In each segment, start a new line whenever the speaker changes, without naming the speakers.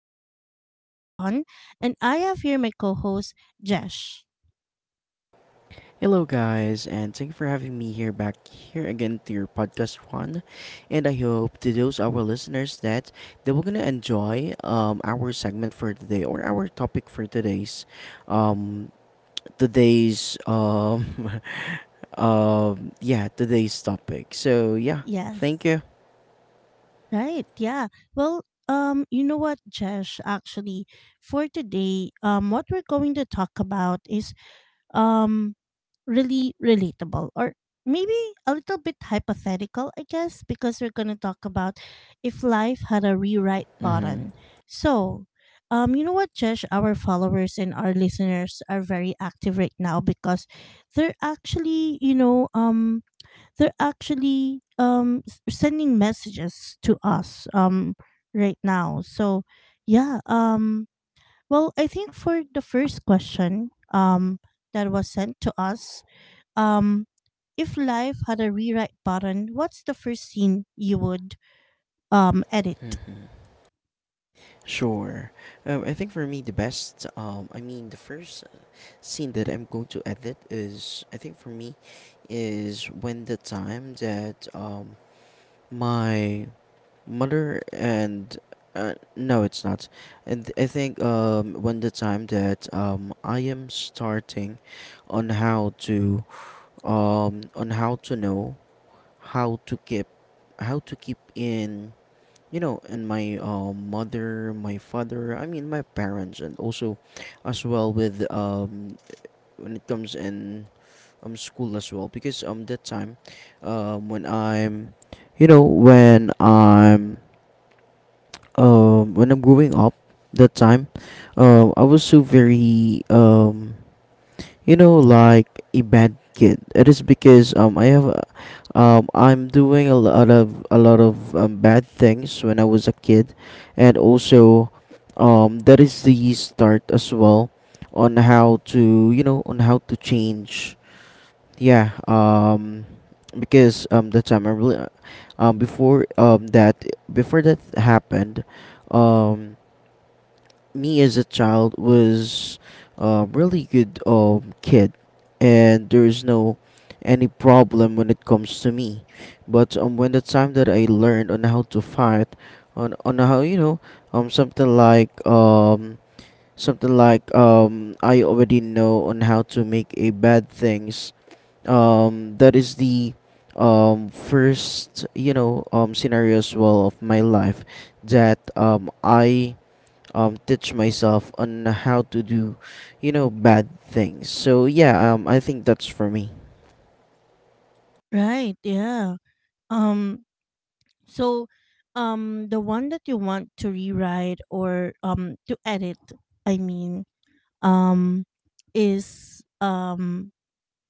This is your host, Ron, and I have here my co host, Jesh.
Hello, guys, and thank you for having me here back here again to your podcast one. And I hope to those our listeners that they were gonna enjoy our segment for today or our topic for today's um today's um yeah, today's topic. So yeah,
Yes.
thank you.
Right. Yeah. Well, you know what, Jesh, actually, for today, what we're going to talk about is um really relatable or maybe a little bit hypothetical, I guess, because we're going to talk about if life had a rewrite
Mm-hmm.
button. So you know what, Jesh, our followers and our listeners are very active right now because they're actually, they're actually sending messages to us right now. So yeah, well, I think for the first question that was sent to us, um, if life had a rewrite button, what's the first scene you would, edit?
Mm-hmm. Sure. I think for me the best I mean the first scene that I'm going to edit is, I think for me, is when the time that my mother and no, it's not. And I think when the time that I am starting on how to on how to know how to keep, how to keep in you know, and my mother, my father, I mean my parents, and also as well with when it comes in school as well, because that time when I'm, you know, when I'm growing up, that time, I was so very, you know, like a bad kid. It is because I'm doing a lot of bad things when I was a kid. And also, that is the start as well on how to, you know, on how to change. Yeah, because that's memorable. Before that happened, um, me as a child was really good kid, and there is no any problem when it comes to me. But when the time that I learned on how to fight, on how, you know, um something like um something like, I already know on how to make a bad things, that is the first, you know, scenario as well of my life that I teach myself on how to do, you know, bad things. So yeah, I think that's for me.
Right, yeah. Um so the one that you want to rewrite or to edit, I mean, um is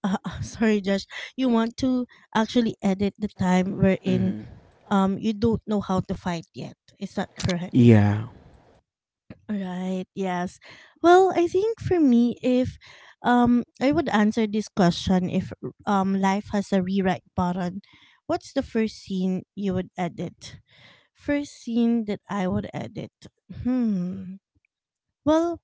sorry, Josh, you want to actually edit the time wherein
Mm-hmm.
you don't know how to fight yet. Is that correct?
Yeah.
Right. Yes. Well, I think for me, if I would answer this question, if life has a rewrite button, what's the first scene you would edit? First scene that I would edit. Hmm. Well,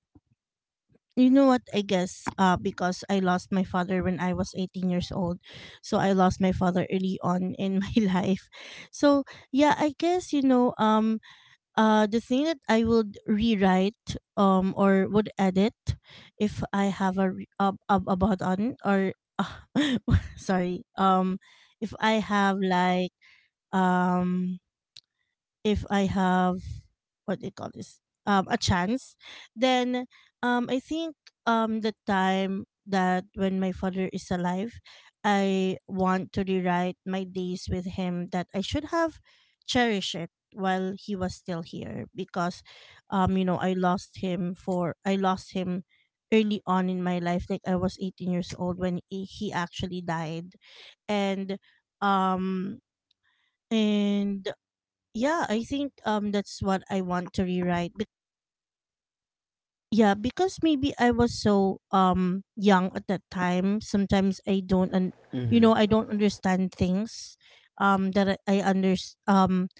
you know what? I guess because I lost my father when I was 18 years old. So I lost my father early on in my life. So, yeah, I guess the thing that I would rewrite or would edit if I have a about on, or sorry, if I have like, um if I have, what do you call this, a chance, then I think the time that when my father is alive, I want to rewrite my days with him that I should have cherished it while he was still here. Because you know, I lost him early on in my life. Like I was 18 years old when he actually died. And um and yeah, I think that's what I want to rewrite. Yeah, because maybe I was so young at that time. Sometimes I don't, and you know, I
Mm-hmm.
don't understand things that I under um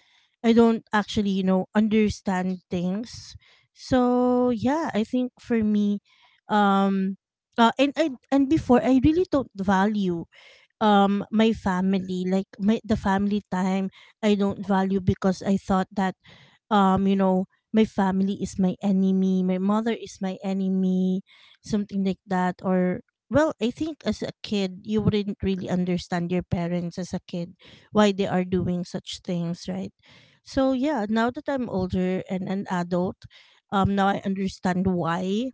I don't actually, you know, understand things. So yeah, I think for me, um, and I and before I really don't value my family, like my the family time, I don't value, because I thought that you know, my family is my enemy, my mother is my enemy, something like that. Or, well, I think as a kid you wouldn't really understand your parents. As a kid, why they are doing such things, right? So yeah, now that I'm older and an adult, now I understand why.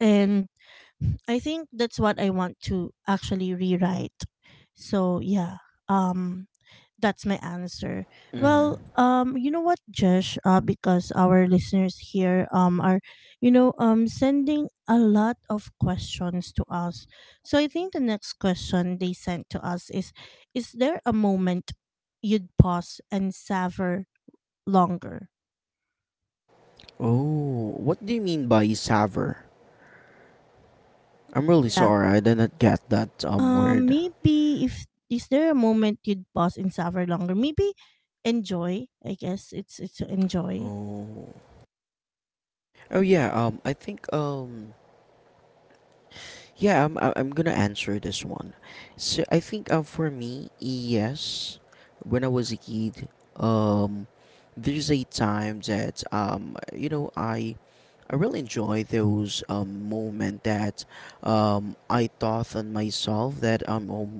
And I think that's what I want to actually rewrite. So yeah, um, that's my answer. Well,
Mm-hmm.
you know what, Josh? Because our listeners here are, you know, sending a lot of questions to us. So I think the next question they sent to us is there a moment you'd pause and savor longer?
Oh, what do you mean by savor? I'm really
Yeah.
sorry, I did not get that word.
Maybe if, is there a moment you'd pause and suffer longer? Maybe enjoy. I guess it's enjoy.
Oh. Oh yeah, I think yeah, I'm gonna answer this one. So I think, for me, yes, when I was a kid, um, there's a time that, you know, I really enjoy those moment that, I thought on myself that, oh,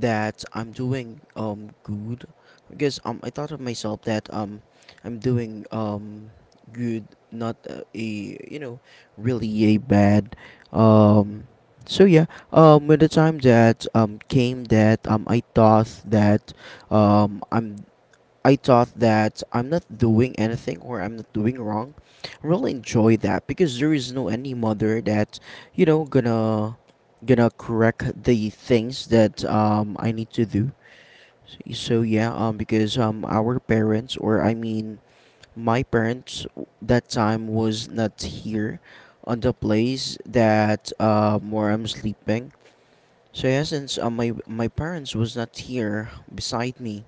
that I'm doing good, because I thought of myself that I'm doing good, not a, you know, really a bad. um so yeah, with the time that came, that I thought that um I'm I thought that I'm not doing anything, or I'm not doing wrong. I really enjoy that because there is no any mother that, you know, gonna correct the things that I need to do. So yeah, because our parents, or I mean my parents, that time was not here on the place that where I'm sleeping. So yeah, since my parents was not here beside me,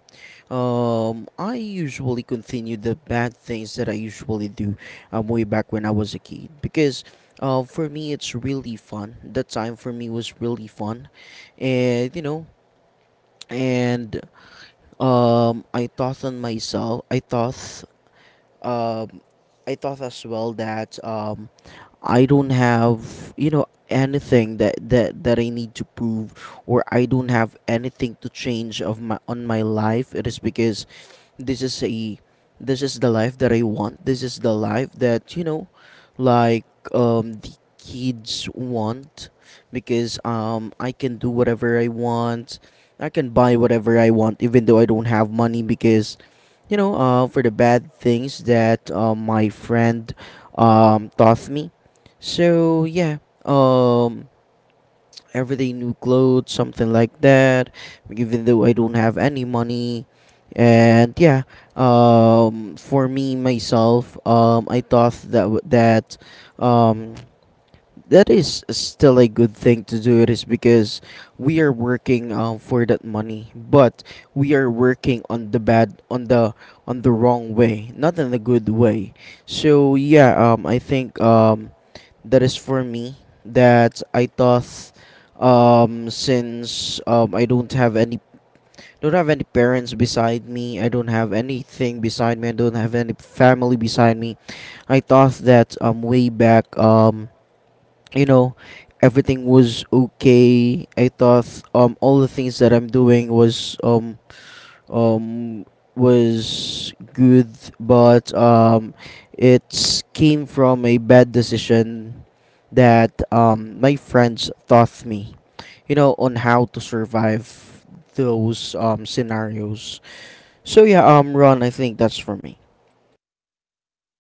I usually continue the bad things that I usually do, way back when I was a kid. Because, for me it's really fun. That time for me was really fun, and you know, and I thought on myself. I thought, um, I thought as well that, I don't have, you know, anything that I need to prove, or I don't have anything to change of my on my life. It is because this is a, this is the life that I want. This is the life that, you know, like, the kids want, because I can do whatever I want. I can buy whatever I want even though I don't have money, because you know, for the bad things that my friend, taught me. So yeah, um, everyday new clothes, something like that. Even though I don't have any money. And yeah, for me myself, I thought that um, that is still a good thing to do. It is because we are working, for that money, but we are working on the bad, on the wrong way, not in the good way. So yeah, I think that is for me. That I thought, since I don't have any parents beside me. I don't have anything beside me. I don't have any family beside me. I thought that way back, you know, everything was okay. I thought all the things that I'm doing um was good. But it came from a bad decision that my friends taught me, you know, on how to survive those scenarios. So yeah, Ron, I think that's for me.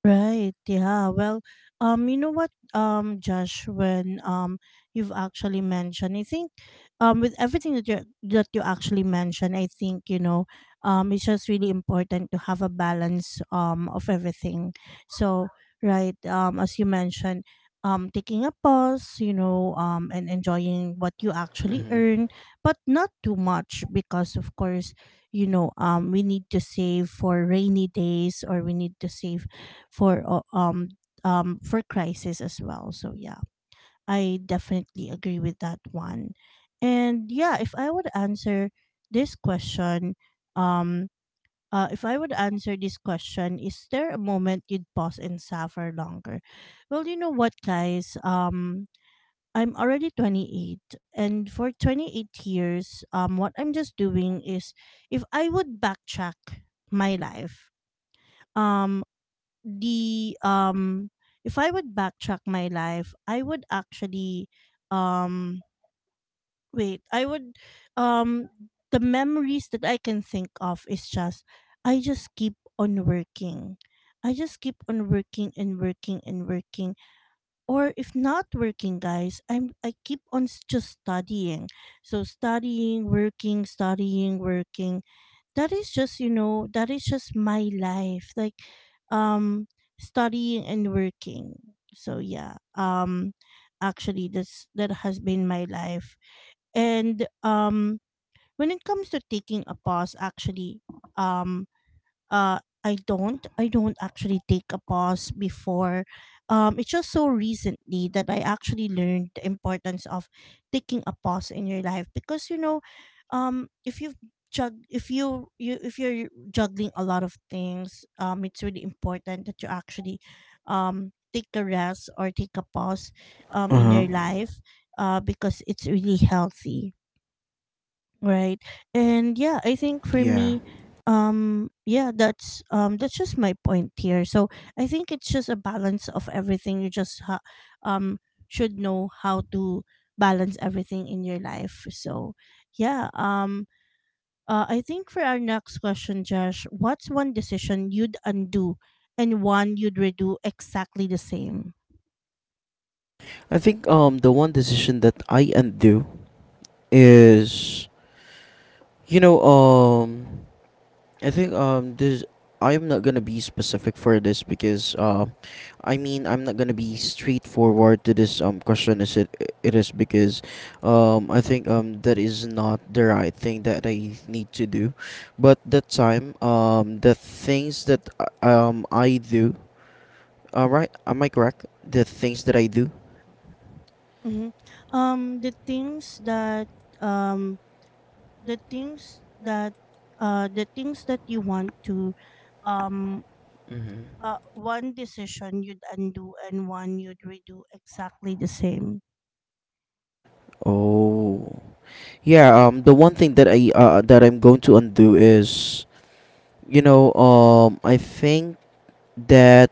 Right. Yeah. Well, you know what, Josh, when you've actually mentioned, I think, with everything that you actually mentioned, I think you know, it's just really important to have a balance of everything. So, right, as you mentioned, taking a pause, you know, and enjoying what you actually
Hmm.
earn, but not too much, because, of course, you know, we need to save for rainy days, or we need to save for uh, um for crisis as well. So yeah, I definitely agree with that one. And yeah, if I would answer this question, um if I would answer this question, is there a moment you'd pause and suffer longer? Well, you know what, guys? I'm already 28, and for 28 years, what I'm just doing is, if I would backtrack my life, um, the if I would backtrack my life, I would actually, um wait, I would, um the memories that I can think of is just, I just keep on working. I just keep on working and working and working. Or if not working, guys, I keep on just studying. So studying, working, studying, working, that is just, you know, that is just my life. Like um studying and working. So yeah, actually, that has been my life. And when it comes to taking a pause, actually, um uh I don't actually take a pause before. It's just so recently that I actually learned the importance of taking a pause in your life, because you know, if you jug if you you if you're juggling a lot of things, it's really important that you actually take a rest or take a pause in
Uh-huh.
your life, uh, because it's really healthy, right? And yeah, I think for
Yeah.
me, yeah, that's just my point here. So I think it's just a balance of everything. You just um should know how to balance everything in your life. So yeah, I think for our next question, Josh, what's one decision you'd undo and one you'd redo exactly the same?
I think the one decision that I undo is, you know, I think this, I am not gonna be specific for this, because I mean, I'm not gonna be straightforward to this question as it. It is because I think that is not the right thing that I need to do, but that time the things that I do, all right, am I correct, the things that I do.
Mm-hmm. The things that um, the things that The things that you want to, um,
Mm-hmm.
one decision you'd undo and one you'd redo exactly the same.
Oh. Yeah, the one thing that I'm going to undo is, you know, I think that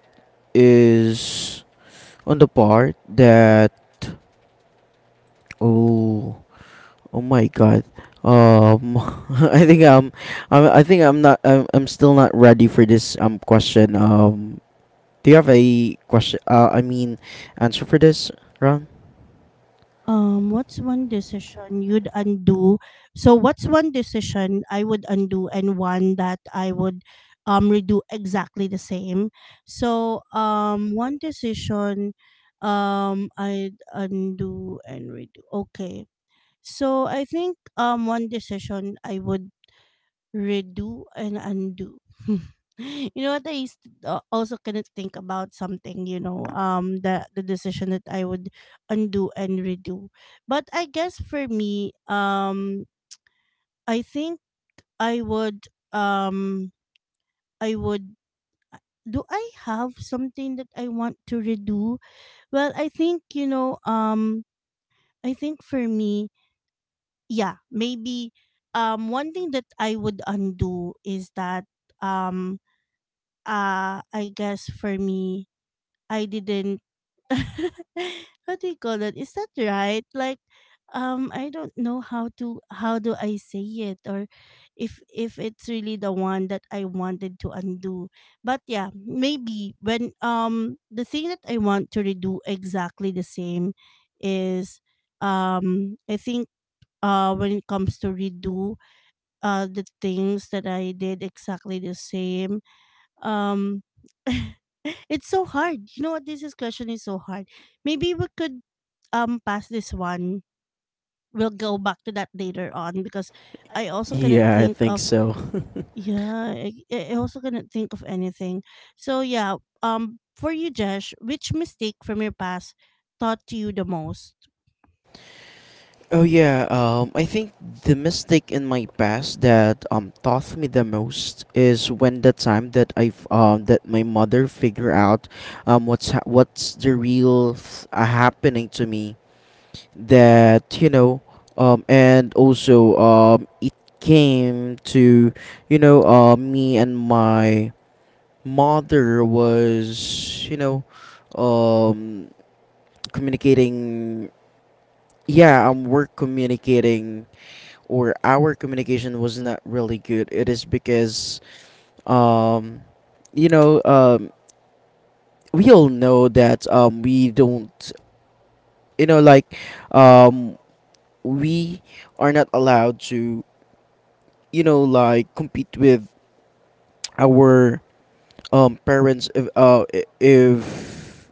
is on the part that, oh, oh my god, um, I think um, I think I'm still not ready for this question. Do you have a question? I mean, answer for this, Ron?
What's one decision you'd undo? So, what's one decision I would undo and one that I would redo exactly the same? So, one decision I'd undo and redo. Okay. So, I think one decision I would redo and undo. You know what, I used to, also couldn't think about something, you know, the decision that I would undo and redo. But I guess for me, I think I would, I would do I have something that I want to redo? Well, I think, you know, I think for me, yeah, maybe, one thing that I would undo is that, um I guess for me, I didn't what do you call that? Is that right? Like I don't know how to, how do I say it, or if it's really the one that I wanted to undo. But yeah, maybe when the thing that I want to redo exactly the same is, I think, when it comes to redo, the things that I did exactly the same, um, it's so hard. You know what? This is question is so hard. Maybe we could pass this one. We'll go back to that later on, because I also cannot
Yeah, I
think
think
of,
so.
yeah, I, I also couldn't think of anything. So yeah, for you, Jesh, which mistake from your past taught you the most?
Oh yeah, I think the mistake in my past that taught me the most is when the time that I've that my mother figure out what's the real happening to me, that you know, and also it came to, you know, me and my mother was, you know, um communicating. Yeah, we're communicating, or our communication was not really good. It is because, um, you know, we all know that, we don't, you know, like, um, we are not allowed to, you know, like, compete with our parents, if, if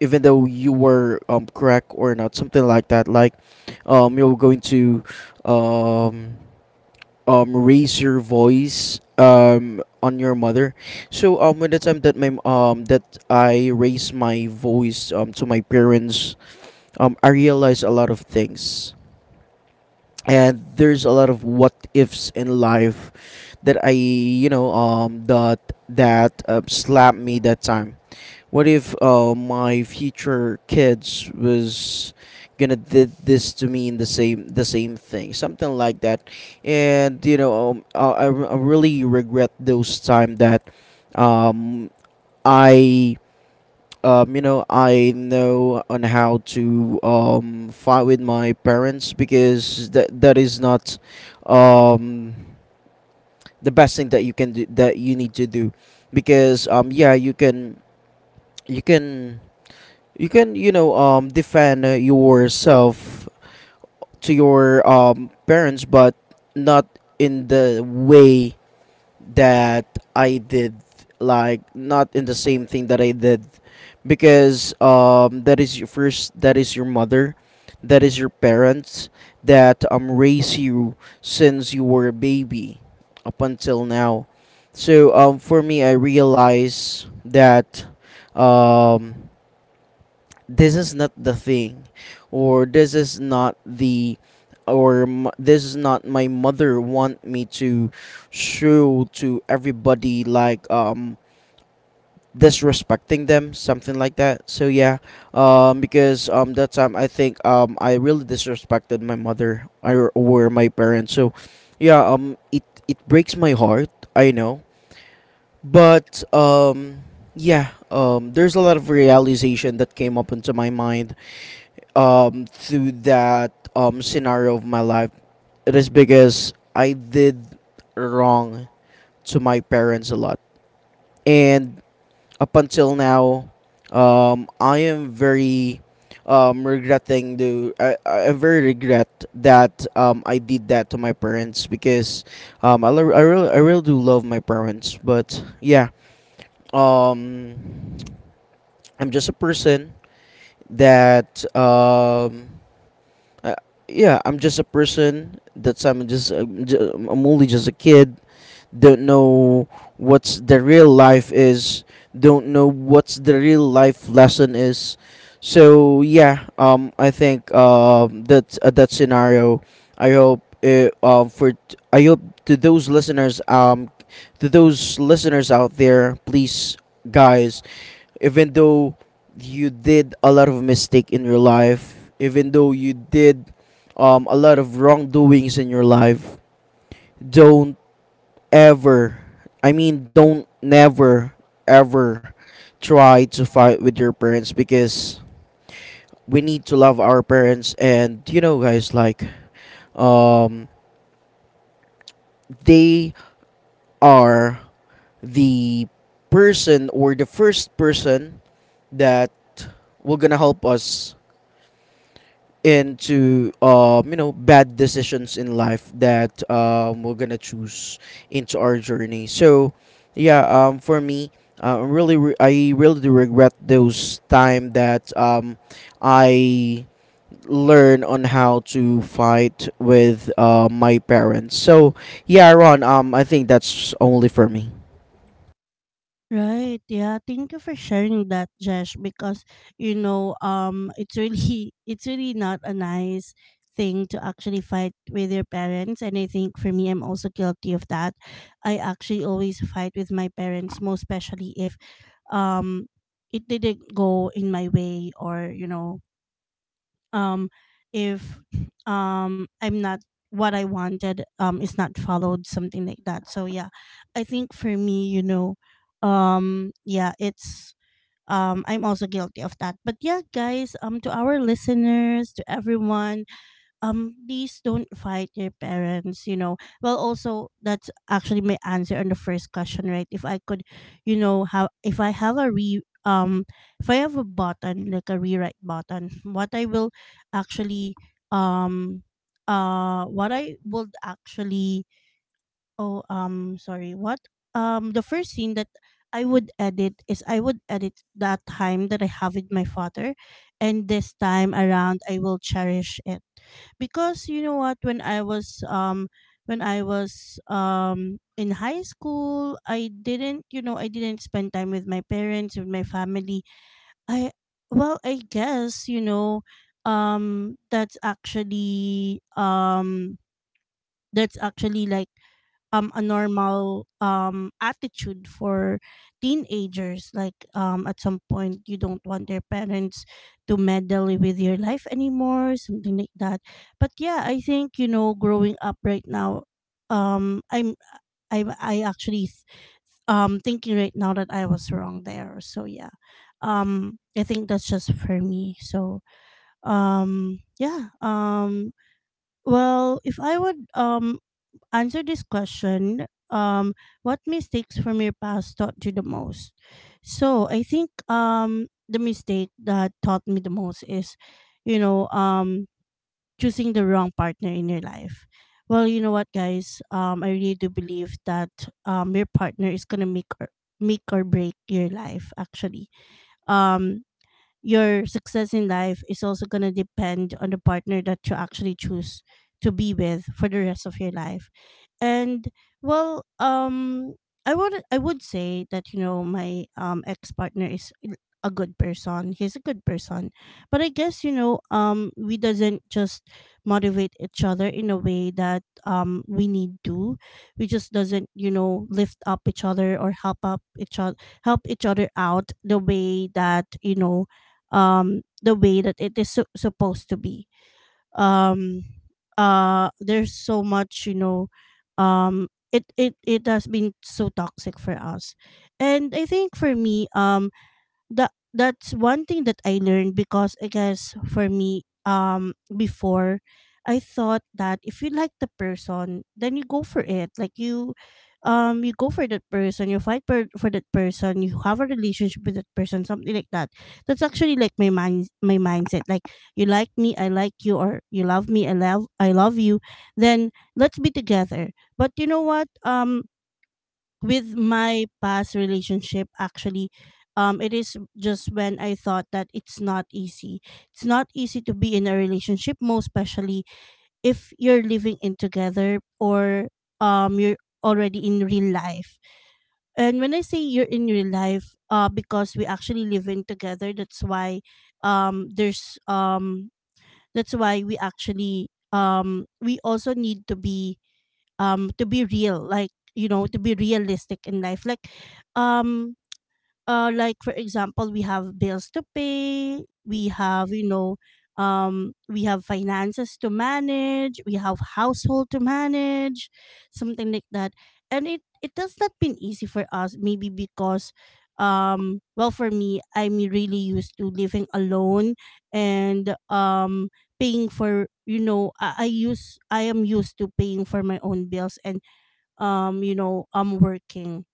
even though you were, correct or not, something like that, like, you're going to um, raise your voice on your mother. So when the time that my that I raised my voice to my parents, I realized a lot of things. And there's a lot of what ifs in life that I, you know, that slapped me that time. What if my future kids was gonna did this to me in the same, the same thing, something like that. And you know, I really regret those time that, um, I you know, I know on how to, fight with my parents, because that is not, um, the best thing that you can do, that you need to do. Because, yeah, you can you can, you know, defend yourself to your parents, but not in the way that I did, like not in the same thing that I did. Because that is your first, that is your mother, that is your parents that raise you since you were a baby up until now. So for me, I realize that um this is not the thing, or this is not the, this is not my mother want me to show to everybody, like, disrespecting them, something like that. So yeah, because that time, I think I really disrespected my mother, or my parents. So yeah, it breaks my heart, I know. But yeah, there's a lot of realization that came up into my mind, through that, scenario of my life. It is because I did wrong to my parents a lot. And up until now, I am very, regretting the. I am very regret that, I did that to my parents, because, I really do love my parents. But yeah, um, I'm just a person that. Uh, yeah, I'm just a person. That's I'm only just a kid, don't know what's the real life is, don't know what's the real life lesson is. So I think that that scenario, I hope it, for t- I hope to those listeners, to those listeners out there, please guys, even though you did a lot of mistake in your life, even though you did a lot of wrongdoings in your life, don't ever, I mean, don't never ever try to fight with your parents, because we need to love our parents. And you know, guys, like, um, they are the person or the first person that will gonna help us into bad decisions in life that we're gonna choose into our journey. For me, I really do regret those time that I learn on how to fight with my parents. Ron, I think that's only for me.
Right. Yeah. Thank you for sharing that, Jesh, because you know, it's really it's really not a nice thing to actually fight with your parents, and I think for me I'm also guilty of that. I actually always fight with my parents, most especially if um it didn't go in my way, or, you know, um if I'm not, what I wanted is not followed, something like that. So yeah, I think for me, you know, yeah, it's I'm also guilty of that. But yeah, guys, to our listeners, to everyone, please don't fight your parents, you know. Well, also that's actually my answer on the first question, right? If I could, you know, have if I have a re if I have a button like a rewrite button, what I will actually, um what I would actually, oh, sorry. What? The first scene that I would edit is, I would edit that time that I have with my father, and this time around I will cherish it. Because you know what, when I was, when I was in high school, I didn't, you know, I didn't spend time with my parents, with my family. I Well, I guess you know, um, that's actually um, that's actually like a normal attitude for teenagers. Like at some point you don't want their parents to meddle with your life anymore, something like that. But yeah, I think, you know, growing up right now, um i'm I actually thinking right now that I was wrong there. So yeah, I think that's just for me. So um yeah um well, if I would answer this question, what mistakes from your past taught you the most? So I think the mistake that taught me the most is, you know, um choosing the wrong partner in your life. Well, you know what, guys, I really do believe that your partner is gonna make or break your life, actually. Um your success in life is also going to depend on the partner that you actually choose to be with for the rest of your life, and well um I would say that you know my ex partner is a good person. He's a good person, but I guess you know we doesn't just motivate each other in a way that we need to. We just doesn't you know lift up each other or help each other out the way that you know the way that it supposed to be. um there's so much you know it has been so toxic for us. And I think for me, that's one thing that I learned, because I guess for me before I thought that if you like the person then you go for it, like you go for that person, you for that person, you have a relationship with that person, something like that. That's actually like my mind my mindset, like, you like me I like you, or you love me I love you, then let's be together. But you know what, with my past relationship, actually it is just when I thought that it's not easy to be in a relationship, most especially if you're living in together, or you're already in real life. And when I say you're in real life, because we actually live in together, that's why there's that's why we actually we also need to be real. Like, you know, to be realistic in life, like, um like for example we have bills to pay, we have you know we have finances to manage, we have household to manage, something like that. And it does not been easy for us, maybe because for me I'm really used to living alone, and paying for you know I am used to paying for my own bills, and you know I'm working,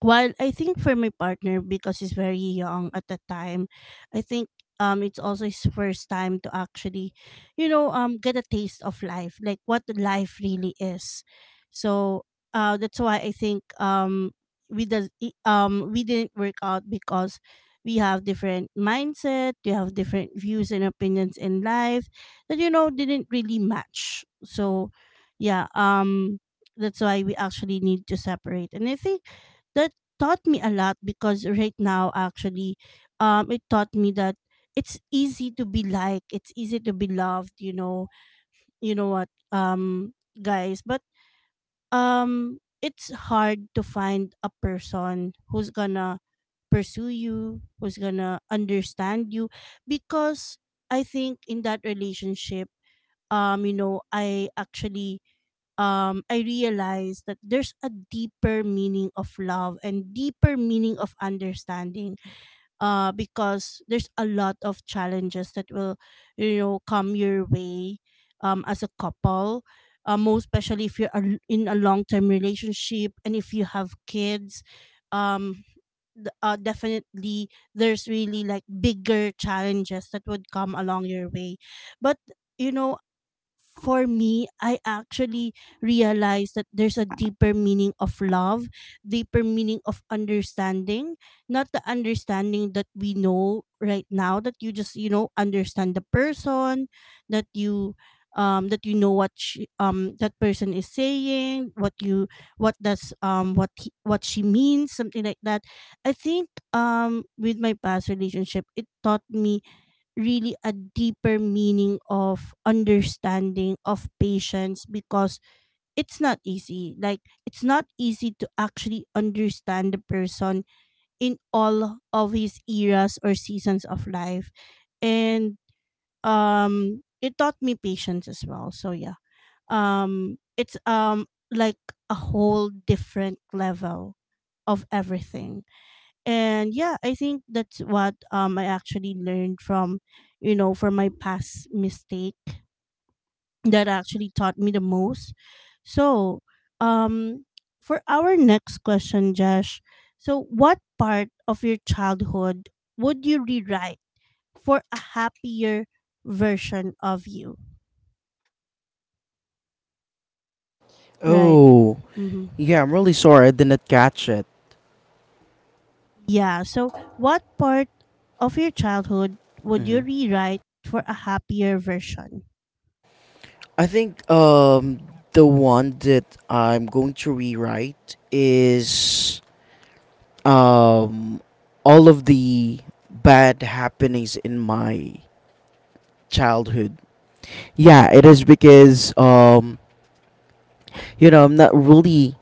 while I think for my partner, because he's very young at the time, I think it's also his first time to actually, you know, get a taste of life, like what life really is. So, that's why I think we didn't work out, because we have different mindset, we have different views and opinions in life that you know didn't really match. So, yeah, that's why we actually need to separate. And I think taught me a lot, because right now actually it taught me that it's easy to be liked, it's easy to be loved, you know. You know what, guys, but it's hard to find a person who's gonna pursue you, who's gonna understand you, because I think in that relationship, you know I realized that there's a deeper meaning of love and deeper meaning of understanding. Because there's a lot of challenges that will, you know, come your way, as a couple. Most especially if you're in a long-term relationship and if you have kids, um, definitely there's really like bigger challenges that would come along your way, but you know, for me, I actually realized that there's a deeper meaning of love, deeper meaning of understanding, not the understanding that we know right now that you just, you know, understand the person, that you that you know what she, that person is saying, what you what he, what she means, something like that. I think with my past relationship, it taught me really a deeper meaning of understanding, of patience, because it's not easy like it's not easy to actually understand the person in all of his eras or seasons of life, and it taught me patience as well, so yeah. It's like a whole different level of everything. And yeah, I think that's what I actually learned from you know from my past mistake that actually taught me the most, so um for our next question, Josh. So, what part of your childhood would you rewrite for a happier version of you? Right.
Oh
Hmm.
yeah, I'm really sorry, I did not catch it.
Yeah. So, what part of your childhood would you
Mhm.
rewrite for a happier version?
I think the one that I'm going to rewrite is um all of the bad happenings in my childhood. Yeah, it is because you know,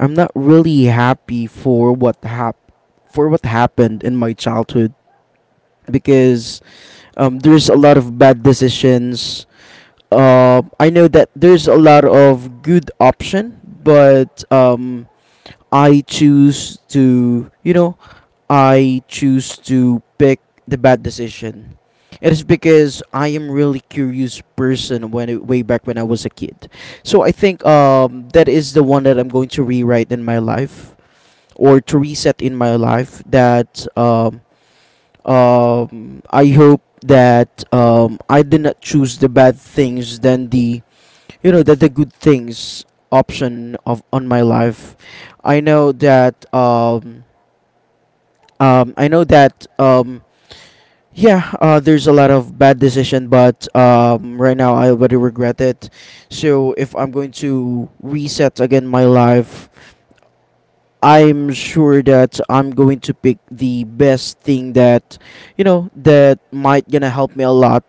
I'm not really happy for for what happened in my childhood, because there's a lot of bad decisions. I know that there's a lot of good option, but I choose to, you know, I choose to pick the bad decision. It is because I am really curious person when way back when I was a kid. So I think that is the one that I'm going to rewrite in my life, or to reset in my life, that I hope that I did not choose the bad things than the, you know, that the good things option of on my life. I know that I know that yeah there's a lot of bad decision, but right now I already regret it. So if I'm going to reset again my life, I'm sure that I'm going to pick the best thing that, you know, that might gonna help me a lot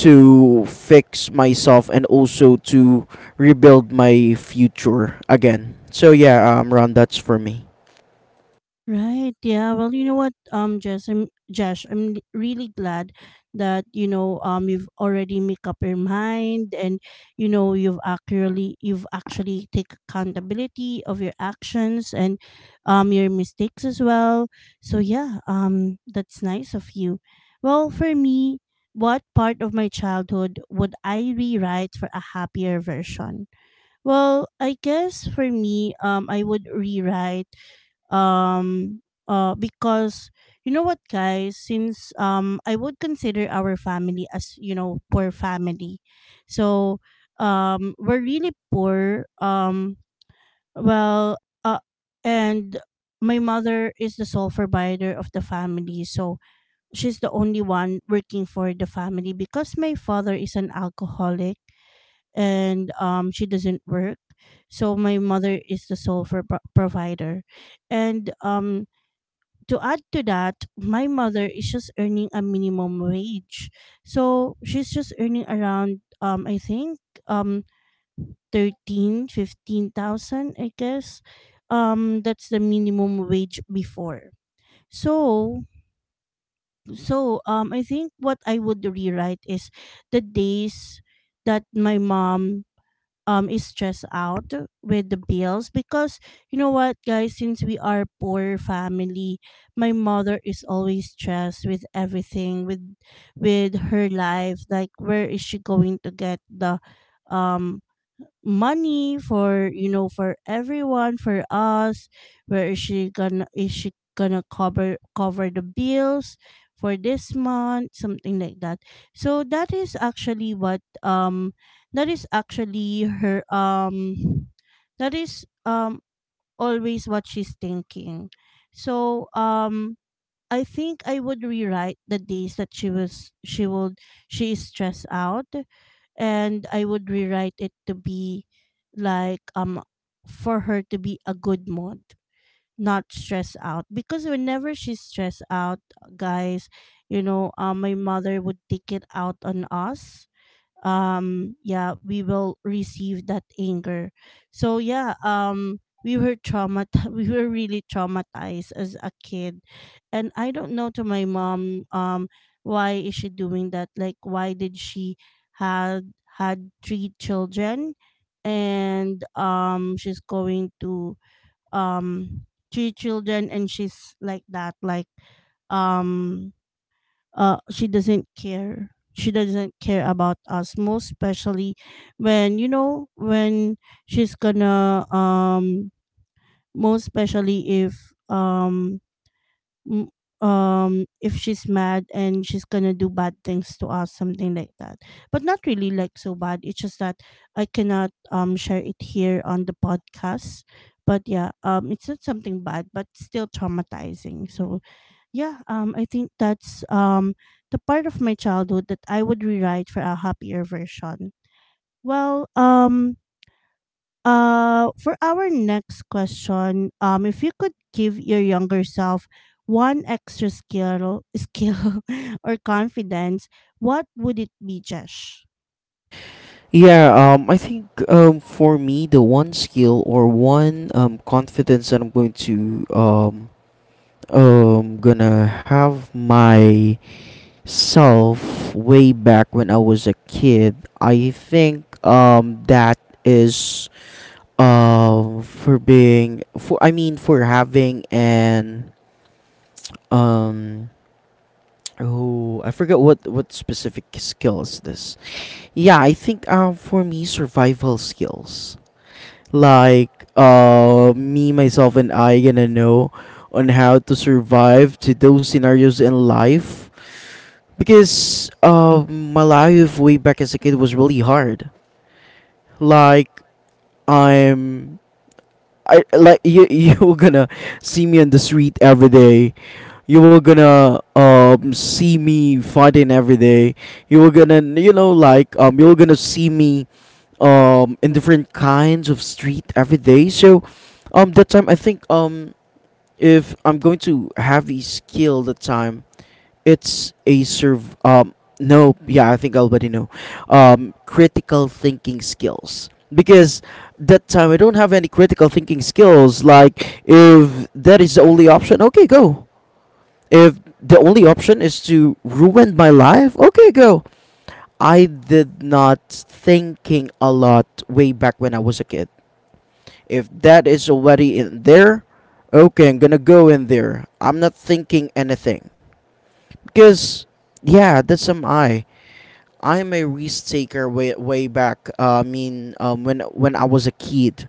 to fix myself, and also to rebuild my future again. So yeah, Ron, that's for me.
Right. Yeah. Well, you know what, Jess, Josh, I'm really glad that you know, you've already make up your mind, and you know, you've actually take accountability of your actions, and your mistakes as well. So yeah, that's nice of you. Well, for me, what part of my childhood would I rewrite for a happier version? Well, I guess for me, I would rewrite um because you know what, guys, since I would consider our family as you know poor family, so we're really poor. Well uh and my mother is the sole provider of the family, so she's the only one working for the family, because my father is an alcoholic, and she doesn't work. So my mother is the sole for provider, and to add to that, my mother is just earning a minimum wage. So she's just earning around I think um 13 fifteen thousand, I guess. That's the minimum wage before. So I think what I would rewrite is the days that my mom is stressed out with the bills, because you know what, guys, since we are poor family, my mother is always stressed with everything, with her life, like where is she going to get the um money for you know, for everyone, for us. Where is she gonna Is she gonna cover the bills for this month, something like that. So that is actually her um that is always what she's thinking, so I think I would rewrite the days that she was she would she is stressed out, and I would rewrite it to be like, for her to be a good mood, not stressed out. Because whenever she's stressed out, guys, you know, my mother would take it out on us. Yeah, we will receive that anger, so yeah. We were traumat We were really traumatized as a kid. And I don't know, to my mom, why is she doing that? Like, why did she had had 3 children, and she's going to um 3 children and she's like that. Like, um she doesn't care about us, most especially when you know when she's gonna, most especially if um m- if she's mad and she's gonna do bad things to us, something like that. But not really like so bad, it's just that I cannot share it here on the podcast. But yeah, it's not something bad but still traumatizing. So yeah, I think that's the part of my childhood that I would rewrite for a happier version. Well, for our next question, if you could give your younger self one extra skill, or confidence, what would it be, Jesh?
Yeah, I think for me, the one skill or one confidence that I'm going to gonna have my self way back when I was a kid, I think that is for being for I mean, for having an um oh, I forgot what specific skill is this. Yeah, I think for me, survival skills. Like me, myself and I gonna know on how to survive to those scenarios in life, because my life way back as a kid was really hard. Like I'm, I like you you're gonna see me on the street every day, you were gonna see me fighting every day, you were gonna, you know, like, you were gonna see me in different kinds of street every day. So that time I think, if I'm going to have a skill that time, it's a serve no yeah, I think I already know. Critical thinking skills, because that time I don't have any critical thinking skills. Like if that is the only option, okay, go. If the only option is to ruin my life, okay, go. I did not thinking a lot way back when I was a kid. If that is already in there, okay, I'm gonna go in there. I'm not thinking anything, because yeah, that's am I. I'm a risk taker way way back. I mean, when I was a kid,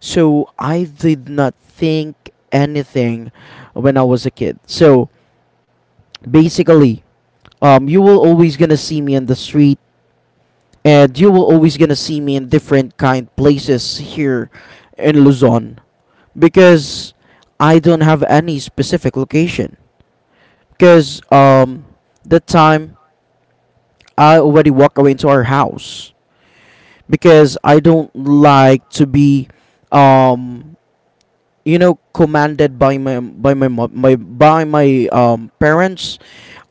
so I did not think anything when I was a kid. So basically you will always gonna see me in the street, and you will always gonna see me in different kind places here in Luzon, because I don't have any specific location, because that time I already walk away into our house, because I don't like to be um you know, commanded by my mo- my by my parents.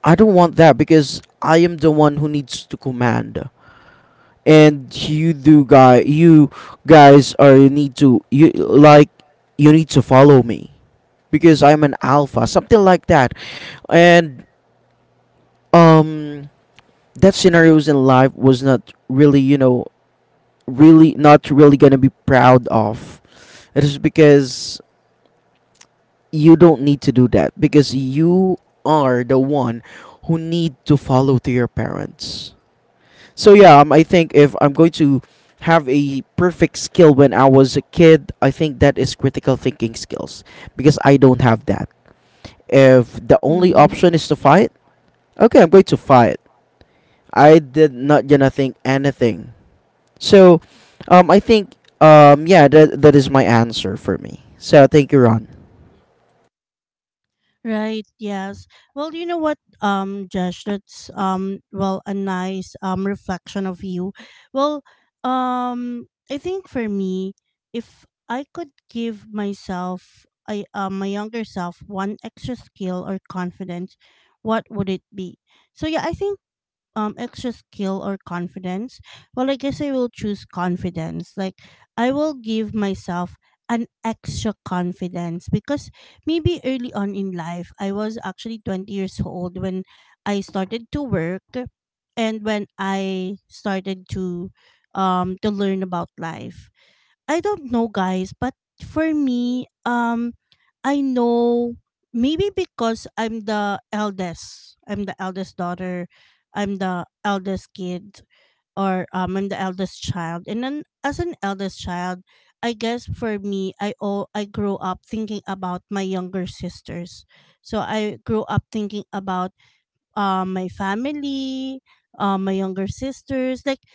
I don't want that because I am the one who needs to command, and you do guy you guys are, you need to, you like, you need to follow me, because I'm an alpha, something like that. And um that scenarios in life was not really, you know, really not really gonna be proud of. It is because you don't need to do that, because you are the one who need to follow to your parents. So yeah, I think if I'm going to have a perfect skill when I was a kid, I think that is critical thinking skills, because I don't have that. If the only
Mm-hmm.
option is to fight, okay, I'm going to fight. I did not gonna think anything. So, I think yeah, that is my answer for me. So thank you, Ron.
Right, yes. Well, you know what, Josh, that's a nice reflection of you. Well, I think for me, if I could give myself I my younger self one extra skill or confidence, what would it be? So yeah, I think extra skill or confidence. Well, I guess I will choose confidence, like, I will give myself an extra confidence, because maybe early on in life I was actually 20 years old when I started to work, and when I started to learn about life. I don't know, guys, but for me, I know, maybe because I'm the eldest. I'm the eldest daughter. I'm the eldest kid, or I'm the eldest child. And then as an eldest child, I guess for me I grew up thinking about my younger sisters. So I grew up thinking about my family, my younger sisters. Like,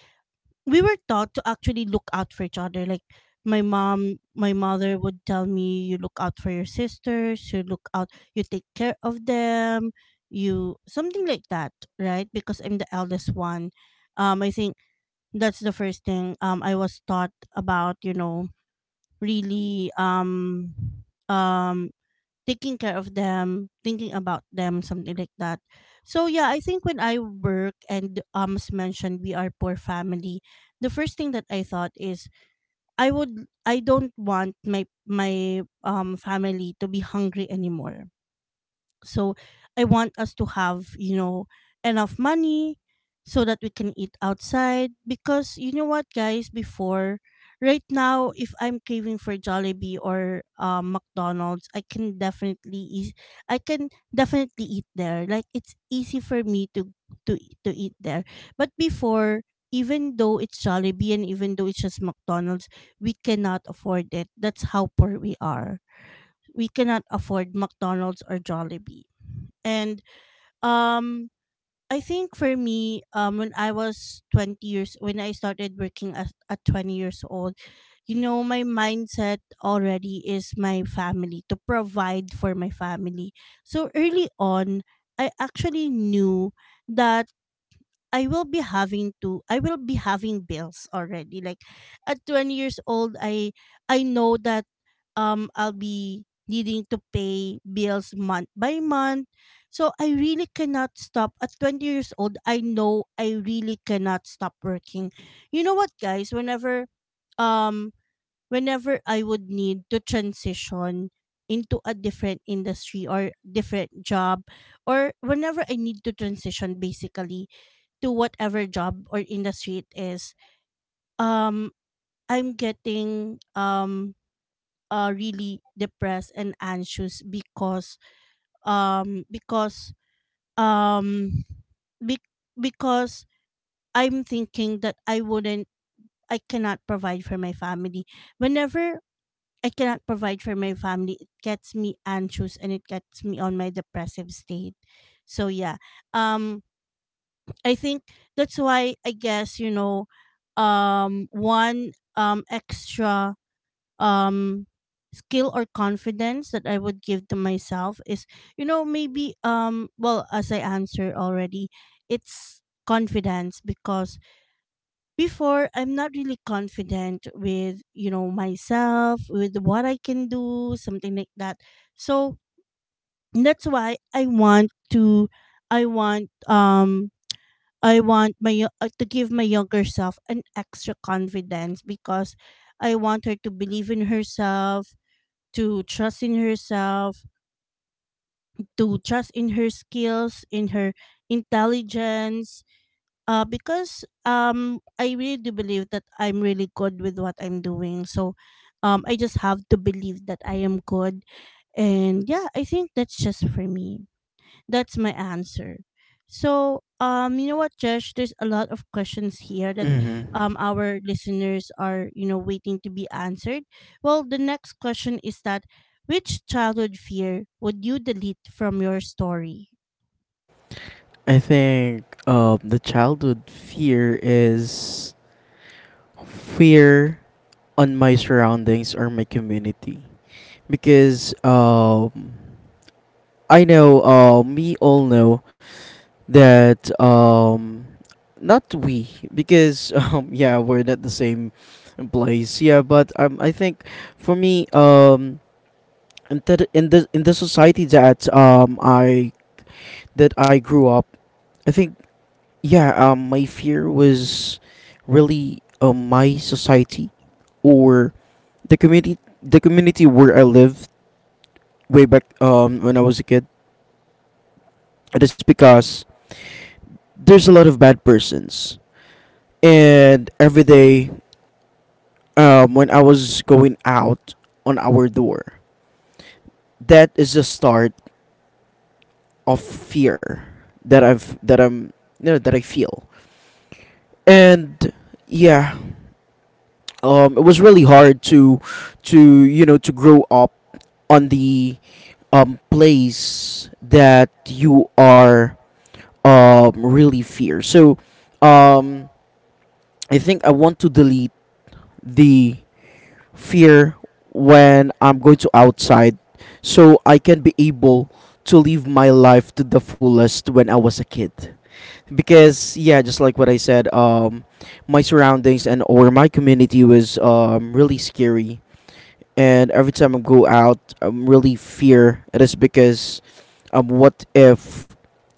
we were taught to actually look out for each other. Like, my mother would tell me, "You look out for your sisters. You look out. You take care of them. You something like that," right? Because I'm the eldest one. I think that's the first thing. I was taught about really um taking care of them, thinking about them, something like that. So yeah, I think when I work, and as mentioned, we are poor family, the first thing that I thought is I don't want my family to be hungry anymore, so I want us to have enough money so that we can eat outside, because you know what, guys, before, right now, if I'm craving for Jollibee or McDonald's, I can definitely eat there. Like it's easy for me to to eat there. But before, even though it's Jollibee and even though it's just McDonald's, we cannot afford it. That's how poor we are. We cannot afford McDonald's or Jollibee. And um I think for me, when I was 20 years, when I started working at 20 years old, you know, my mindset already is my family, to provide for my family. So early on, I actually knew that I will be having bills already. Like at 20 years old, I know that I'll be needing to pay bills month by month. So I really cannot stop at 20 years old. I know I really cannot stop working. You know what, guys, whenever um I would need to transition into a different industry or different job, or whenever I need to transition, basically, to whatever job or industry it is, um, I'm getting really depressed and anxious, because um because um be- because I'm thinking that I cannot provide for my family. Whenever I cannot provide for my family, it gets me anxious and it gets me on my depressive state. So yeah. Um I think that's why, I guess, one extra um skill or confidence that I would give to myself is, maybe, well, as I answered already, it's confidence. Because before, I'm not really confident with, myself, with what I can do, something like that. So that's why I want um I want my yo- to give my younger self an extra confidence, because I want her to believe in herself, to trust in herself, to trust in her skills, in her intelligence. Because I really do believe that I'm really good with what I'm doing. So, I just have to believe that I am good, and yeah, I think that's just for me. That's my answer. So, you know what, Josh? There's a lot of questions here that
Mm-hmm.
our listeners are waiting to be answered. Well, the next question is that, which childhood fear would you delete from your story?
I think, the childhood fear is fear on my surroundings or my community, because I know, we all know that, not we, because yeah, we're not the same place, yeah, but I think for me, in the society that, I that I grew up, I think, yeah, my fear was really, my society, or the community where I lived way back, when I was a kid. It is because there's a lot of bad persons, and every day, when I was going out on our door, that is the start of fear that I'm, you know, that I feel, and yeah, it was really hard to, you know, to grow up on the, place that you are, really fear. So, um, I think I want to delete the fear when I'm going to outside, so I can be able to live my life to the fullest when I was a kid. Because yeah, just like what I said, my surroundings and or my community was, really scary, and every time I go out, I'm really fear. It is because, what if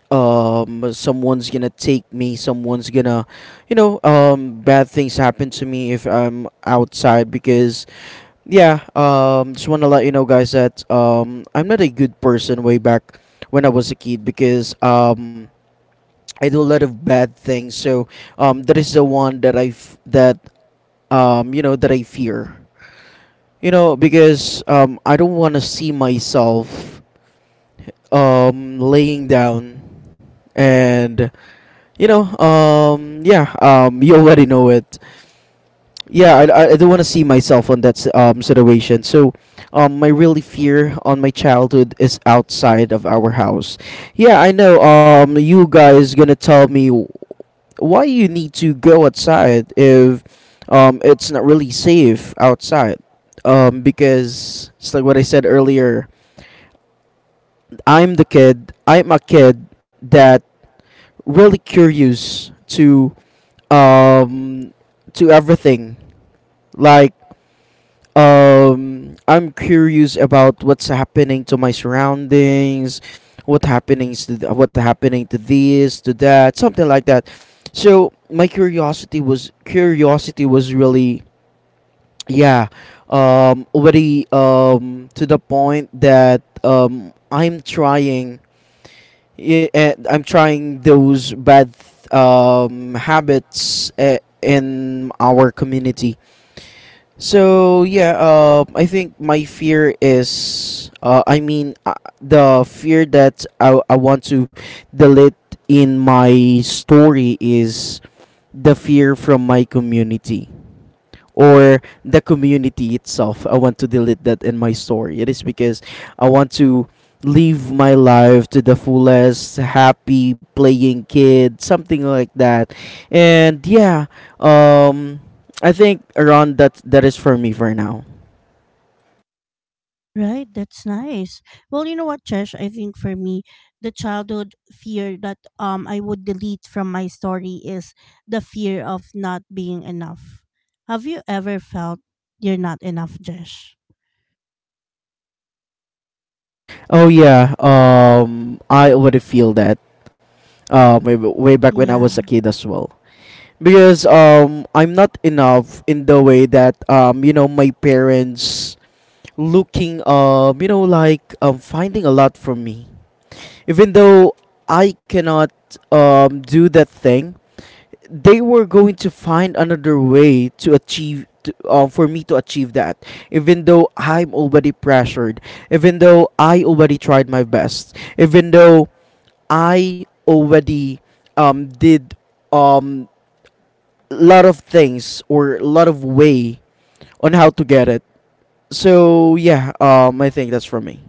someone's gonna take me? Someone's gonna, you know, bad things happen to me if I'm outside. Because, yeah, just want to let you know, guys, that I'm not a good person way back when I was a kid, because I do a lot of bad things. So that is the one that, you know, that I fear. You know, because I don't want to see myself, laying down, and you know, yeah, you already know it. Yeah, I don't want to see myself on situation. So, my really fear on my childhood is outside of our house. Yeah, I know. You guys gonna tell me, why you need to go outside if it's not really safe outside? Because it's like what I said earlier. I'm the kid. I'm a kid that really curious to, to everything. Like I'm curious about what's happening to my surroundings, what happening to this, to that, something like that. So my curiosity was, curiosity was really yeah, already to the point that I'm trying, I'm trying those bad habits in our community. So yeah, I think my fear is, I mean, the fear that I want to delete in my story is the fear from my community, or the community itself. I want to delete that in my story. It is because I want to live my life to the fullest, happy, playing kid, something like that. And yeah, um, I think around that, that is for me for now.
Right, that's nice. Well, you know what, Josh? I think for me, the childhood fear that I would delete from my story is the fear of not being enough. Have you ever felt you're not enough, Josh?
Oh yeah, I already feel that, way, way back when I was
Yeah.
a kid as well. Because I'm not enough in the way that, you know, my parents looking, you know, like finding a lot for me, even though I cannot do that thing, they were going to find another way to achieve to, for me to achieve that, even though I'm already pressured, even though I already tried my best, even though I already did um lot of things or a lot of way on how to get it. So yeah, I think that's for me.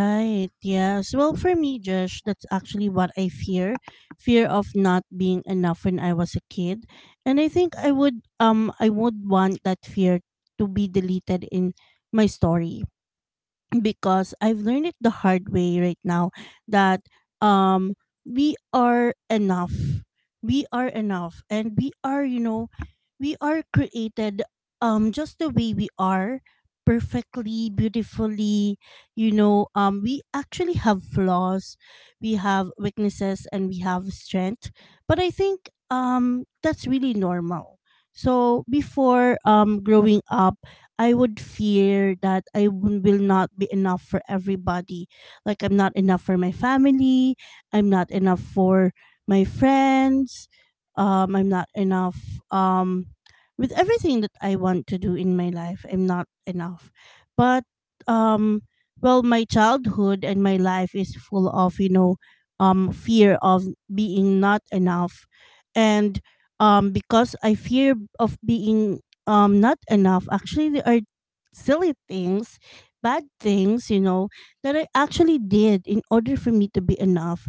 Right, yes. Well, for me, Josh, that's actually what I fear. Fear of not being enough when I was a kid. And I think I would want that fear to be deleted in my story, because I've learned it the hard way right now that um we are enough. We are enough, and we are created, just the way we are, perfectly, beautifully. You know, we actually have flaws, we have weaknesses, and we have strength, but I think that's really normal. So before, growing up, I would fear that will not be enough for everybody. Like I'm not enough for my family, I'm not enough for my friends, I'm not enough, um, with everything that I want to do in my life. I'm not enough. But um, well, my childhood and my life is full of, fear of being not enough. And because I fear of being not enough, actually, there are silly things, bad things, that I actually did in order for me to be enough.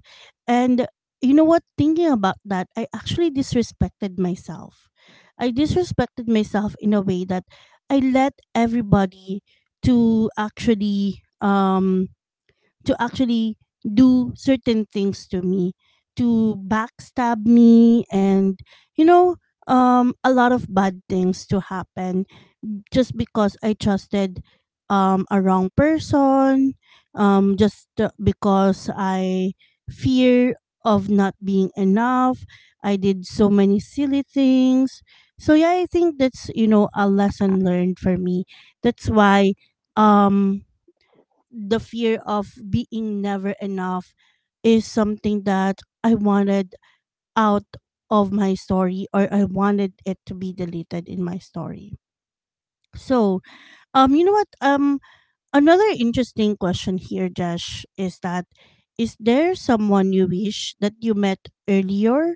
And you know what, thinking about that, I actually disrespected myself. I disrespected myself in a way that I let everybody to actually to actually do certain things to me, to backstab me, and, you know, a lot of bad things to happen, just because I trusted a wrong person, just because I fear of not being enough. I did so many silly things. So yeah, I think that's, a lesson learned for me. That's why um the fear of being never enough is something that I wanted out of my story, or I wanted it to be deleted in my story. So, you know what, another interesting question here, Josh, is that, is there someone you wish that you met earlier,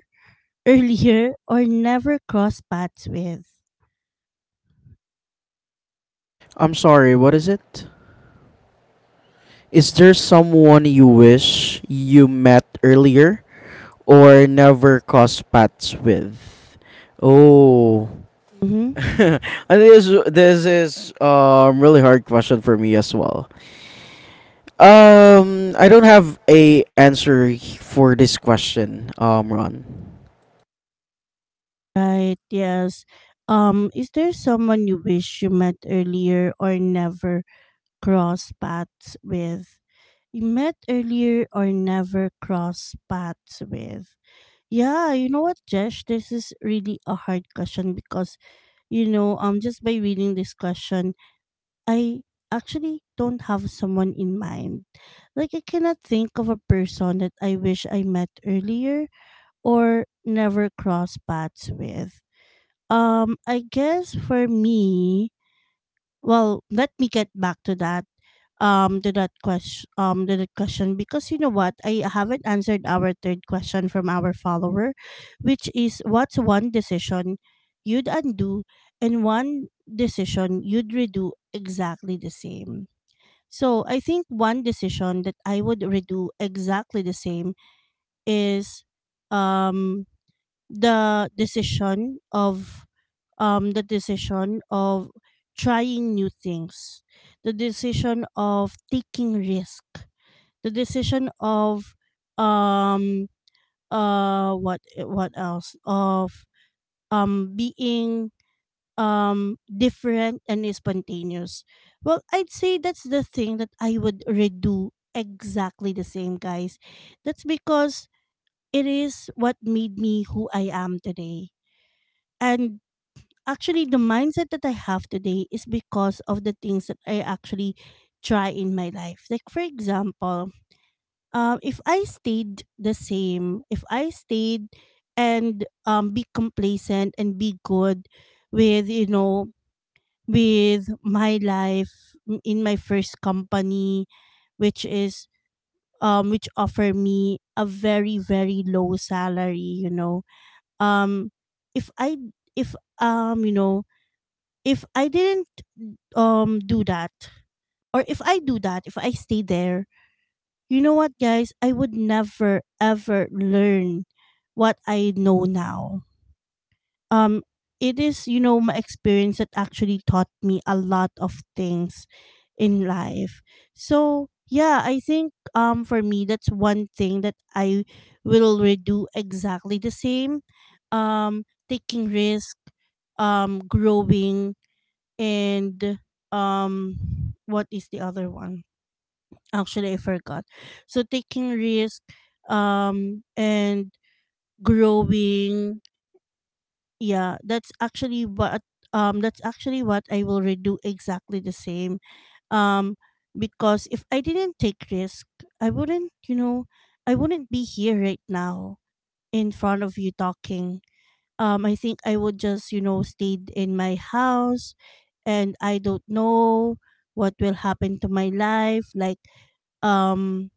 or never crossed paths with?
I'm sorry, what is it? Is there someone you wish you met earlier or never crossed paths with? Oh.
Mm-hmm.
And this is really hard question for me as well. I don't have a answer for this question, Ron.
Right, yes. Is there someone you wish you met earlier or never cross paths with? You met earlier or never cross paths with? Yeah, you know what, Jesh? This is really a hard question, because just by reading this question, I actually don't have someone in mind. Like, I cannot think of a person that I wish I met earlier or never crossed paths with. I guess for me, well, let me get back to that, question to that question, because you know what, I haven't answered our third question from our follower, which is, what's one decision you'd undo and one decision you'd redo exactly the same. So I think one decision that I would redo exactly the same is, um the decision of the decision of trying new things, the decision of taking risk, the decision of um what else, of being different and spontaneous. Well, I'd say that's the thing that I would redo exactly the same, guys. That's because it is what made me who I am today. And actually, the mindset that I have today is because of the things that I actually try in my life. Like, for example, if I stayed the same, if I stayed and be complacent and be good with with my life, in my first company, which is which offer me a very very low salary. Um if i if um you know if I didn't do that, or if I do that, if I stay there, you know what, guys, I would never ever learn what I know now. Um it is my experience that actually taught me a lot of things in life. So, yeah, I think for me, that's one thing that I will redo exactly the same. Um Taking risk, growing, and um what is the other one? Actually, I forgot. So, taking risk, and growing. Yeah, that's actually what, I will redo exactly the same. um because if I didn't take risk, i wouldn't you know I wouldn't be here right now, in front of you, talking. I think I would just stayed in my house, and I don't know what will happen to my life. Like, um,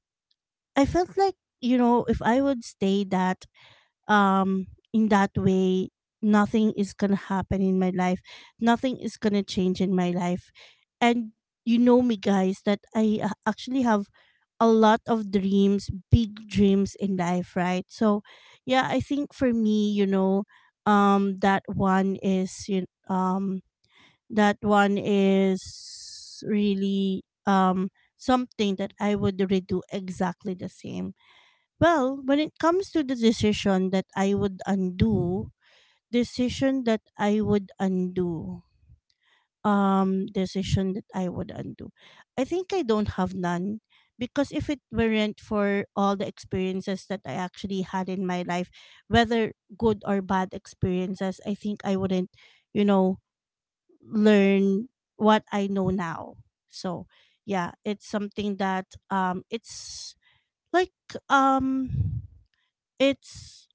I felt like if I would stay that, um, in that way, nothing is gonna happen in my life. Nothing is gonna change in my life. And you know me, guys, that I actually have a lot of dreams, big dreams in life, right? So, yeah, I think for meum, that one is, you um, that one is really, something that I would redo exactly the same. Well, when it comes to the decision that I would undo, decision that I would undo, um, decision that I would undo, I think I don't have none, because if it weren't for all the experiences that I actually had in my life, whether good or bad experiences, I think I wouldn't, you know, learn what I know now. So yeah, it's something that, it's like, um it's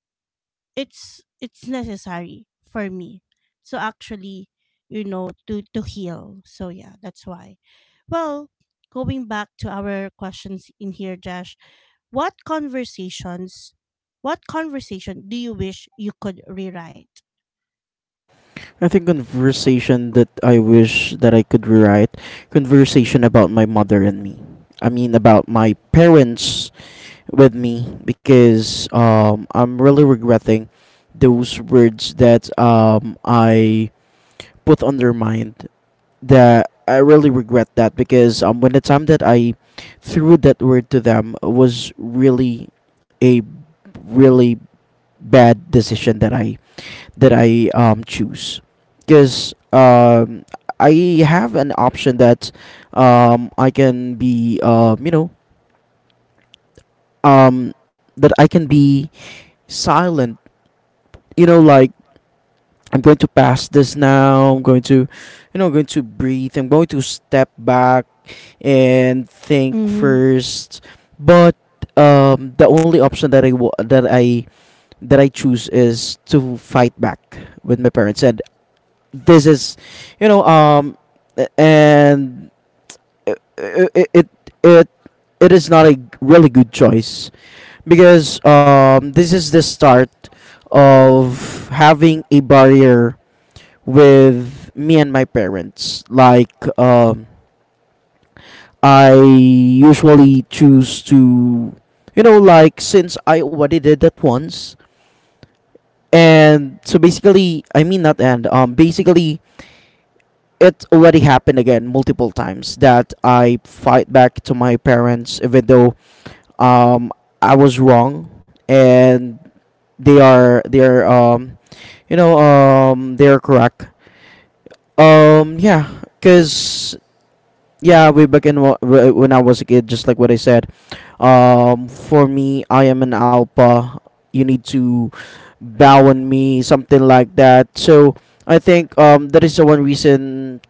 necessary for me. So actually, you know, to heal. So yeah, that's why. Well, going back to our questions in here, Josh, what conversations, what conversation do you wish you could rewrite?
I think conversation that I wish that I could rewrite, conversation about my mother and me. I mean, about my parents with me, because I'm really regretting those words that, I put on their mind. That I really regret that, because when the time that I threw that word to them was really a really bad decision that I, choose. Because I have an option that, I can be, you know, um, that I can be silent. You know, like, I'm going to pass this now, I'm going to, you know, going to breathe, I'm going to step back and think
Mm-hmm.
first. But the only option that I wa- that I that I choose is to fight back with my parents. And this is, you know, a- and it it it, it it is not a really good choice, because this is the start of having a barrier with me and my parents. Like, um, I usually choose to, you know, like, since I already did that once, and so basically, I mean not and basically it already happened again multiple times that I fight back to my parents, even though um I was wrong, and they are, you know, they are correct. um yeah because yeah, way back in when I was a kid, just like what I said, for me, I am an alpha, you need to bow on me, something like that. So I think that is the one reason,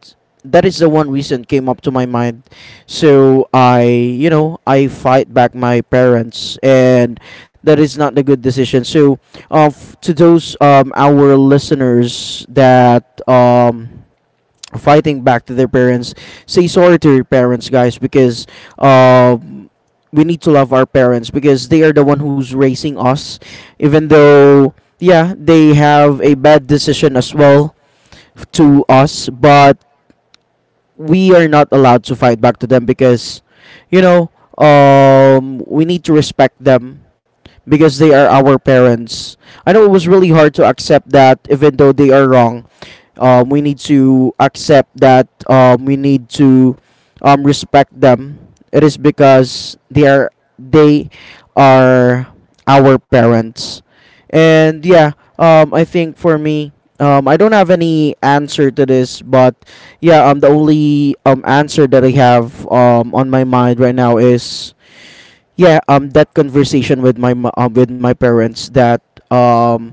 that is the one reason came up to my mind. So I, you know, I fight back my parents, and that is not a good decision. So to those, our listeners that fighting back to their parents, say sorry to your parents, guys, because um, we need to love our parents, because they are the one who's raising us. Even though, yeah, they have a bad decision as well to us, but we are not allowed to fight back to them, because, you know, we need to respect them, because they are our parents. I know it was really hard to accept that, even though they are wrong, we need to accept that, we need to respect them. It is because they are, they are our parents. And yeah, I think for me, I don't have any answer to this, but yeah, the only answer that I have on my mind right now is, yeah, that conversation with with my parents, that um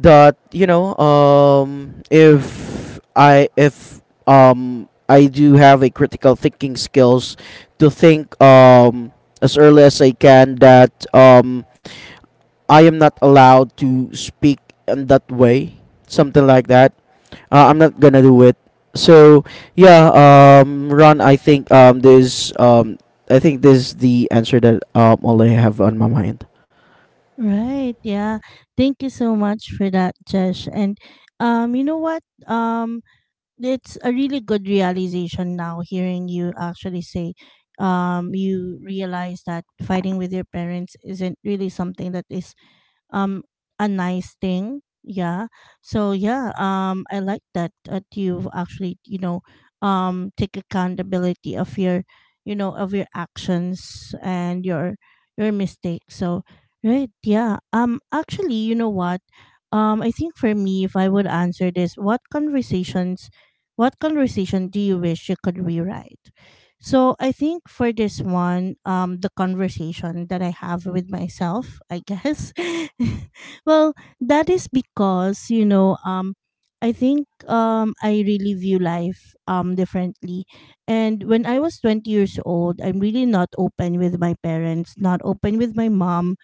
that, you know, if I do have a critical thinking skills, to think as early as I can, that I am not allowed to speak in that way, something like that. I'm not gonna do it. So yeah, Ron, I think there's I think this is the answer that, all I have on my mind.
Right. Yeah. Thank you so much for that, Jesh. And you know what? It's a really good realization now, hearing you actually say, you realize that fighting with your parents isn't really something that is, um a nice thing. Yeah. So yeah, I like that you've actually, take accountability of your you know of your actions and your mistakes. So right, yeah, actually, you know what, I think for me, if I would answer this, what conversation do you wish you could rewrite? So I think for this one, the conversation that I have with myself, I guess, well, that is because, I think, I really view life differently, and when I was 20 years old, I'm really not open with my parents, not open with my mom,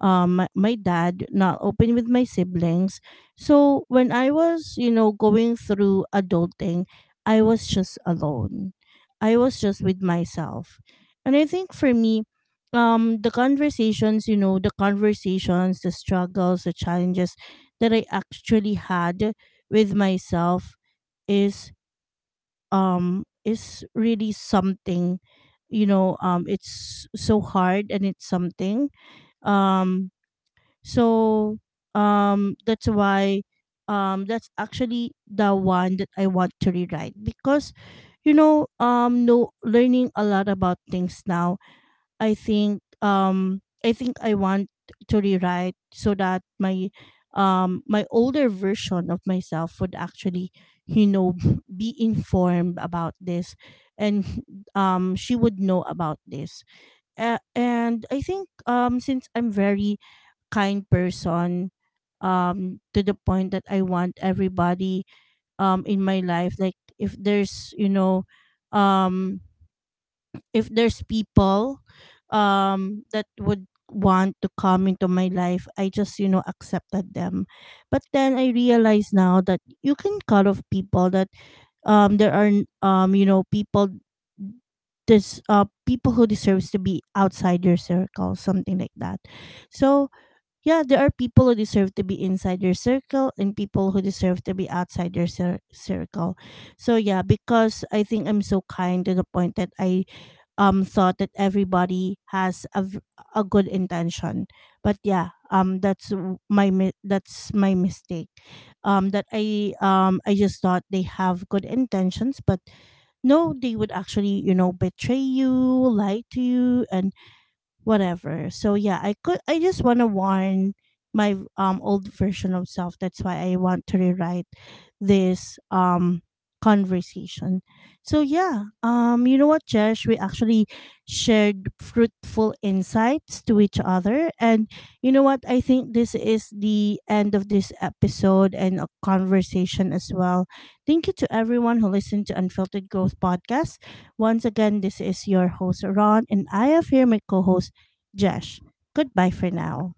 my dad, not open with my siblings. So when I was, going through adulting, I was just alone, I was just with myself. And I think for me, the conversations, the struggles, the challenges that I actually had with myself, is is really something, it's so hard, and it's something, um so, that's why, that's actually the one that I want to rewrite, because, no, learning a lot about things now. I think, I want to rewrite so that my, older version of myself would actually you know be informed about this, and she would know about this. And I think, since I'm very kind person, to the point that I want everybody in my life, like, um if there's people that would want to come into my life, I just accepted them. But then I realize now that you can cut off people. That there are, you know, people, this people who deserves to be outside your circle, something like that. So yeah, there are people who deserve to be inside your circle and people who deserve to be outside your circle. So yeah, because I think I'm so kind, to the point that I thought that everybody has a good intention. But yeah, that's my mistake. That I just thought they have good intentions, but no, they would actually betray you, lie to you, and whatever. So yeah, I just want to warn my old version of self. That's why I want to rewrite this conversation. So yeah, you know what, Jesh, we actually shared fruitful insights to each other. And you know what, I think this is the end of this episode and a conversation as well. Thank you to everyone who listened to Unfiltered Growth podcast. Once again, this is your host, Ron, and I have here my co host, Josh. Goodbye for now.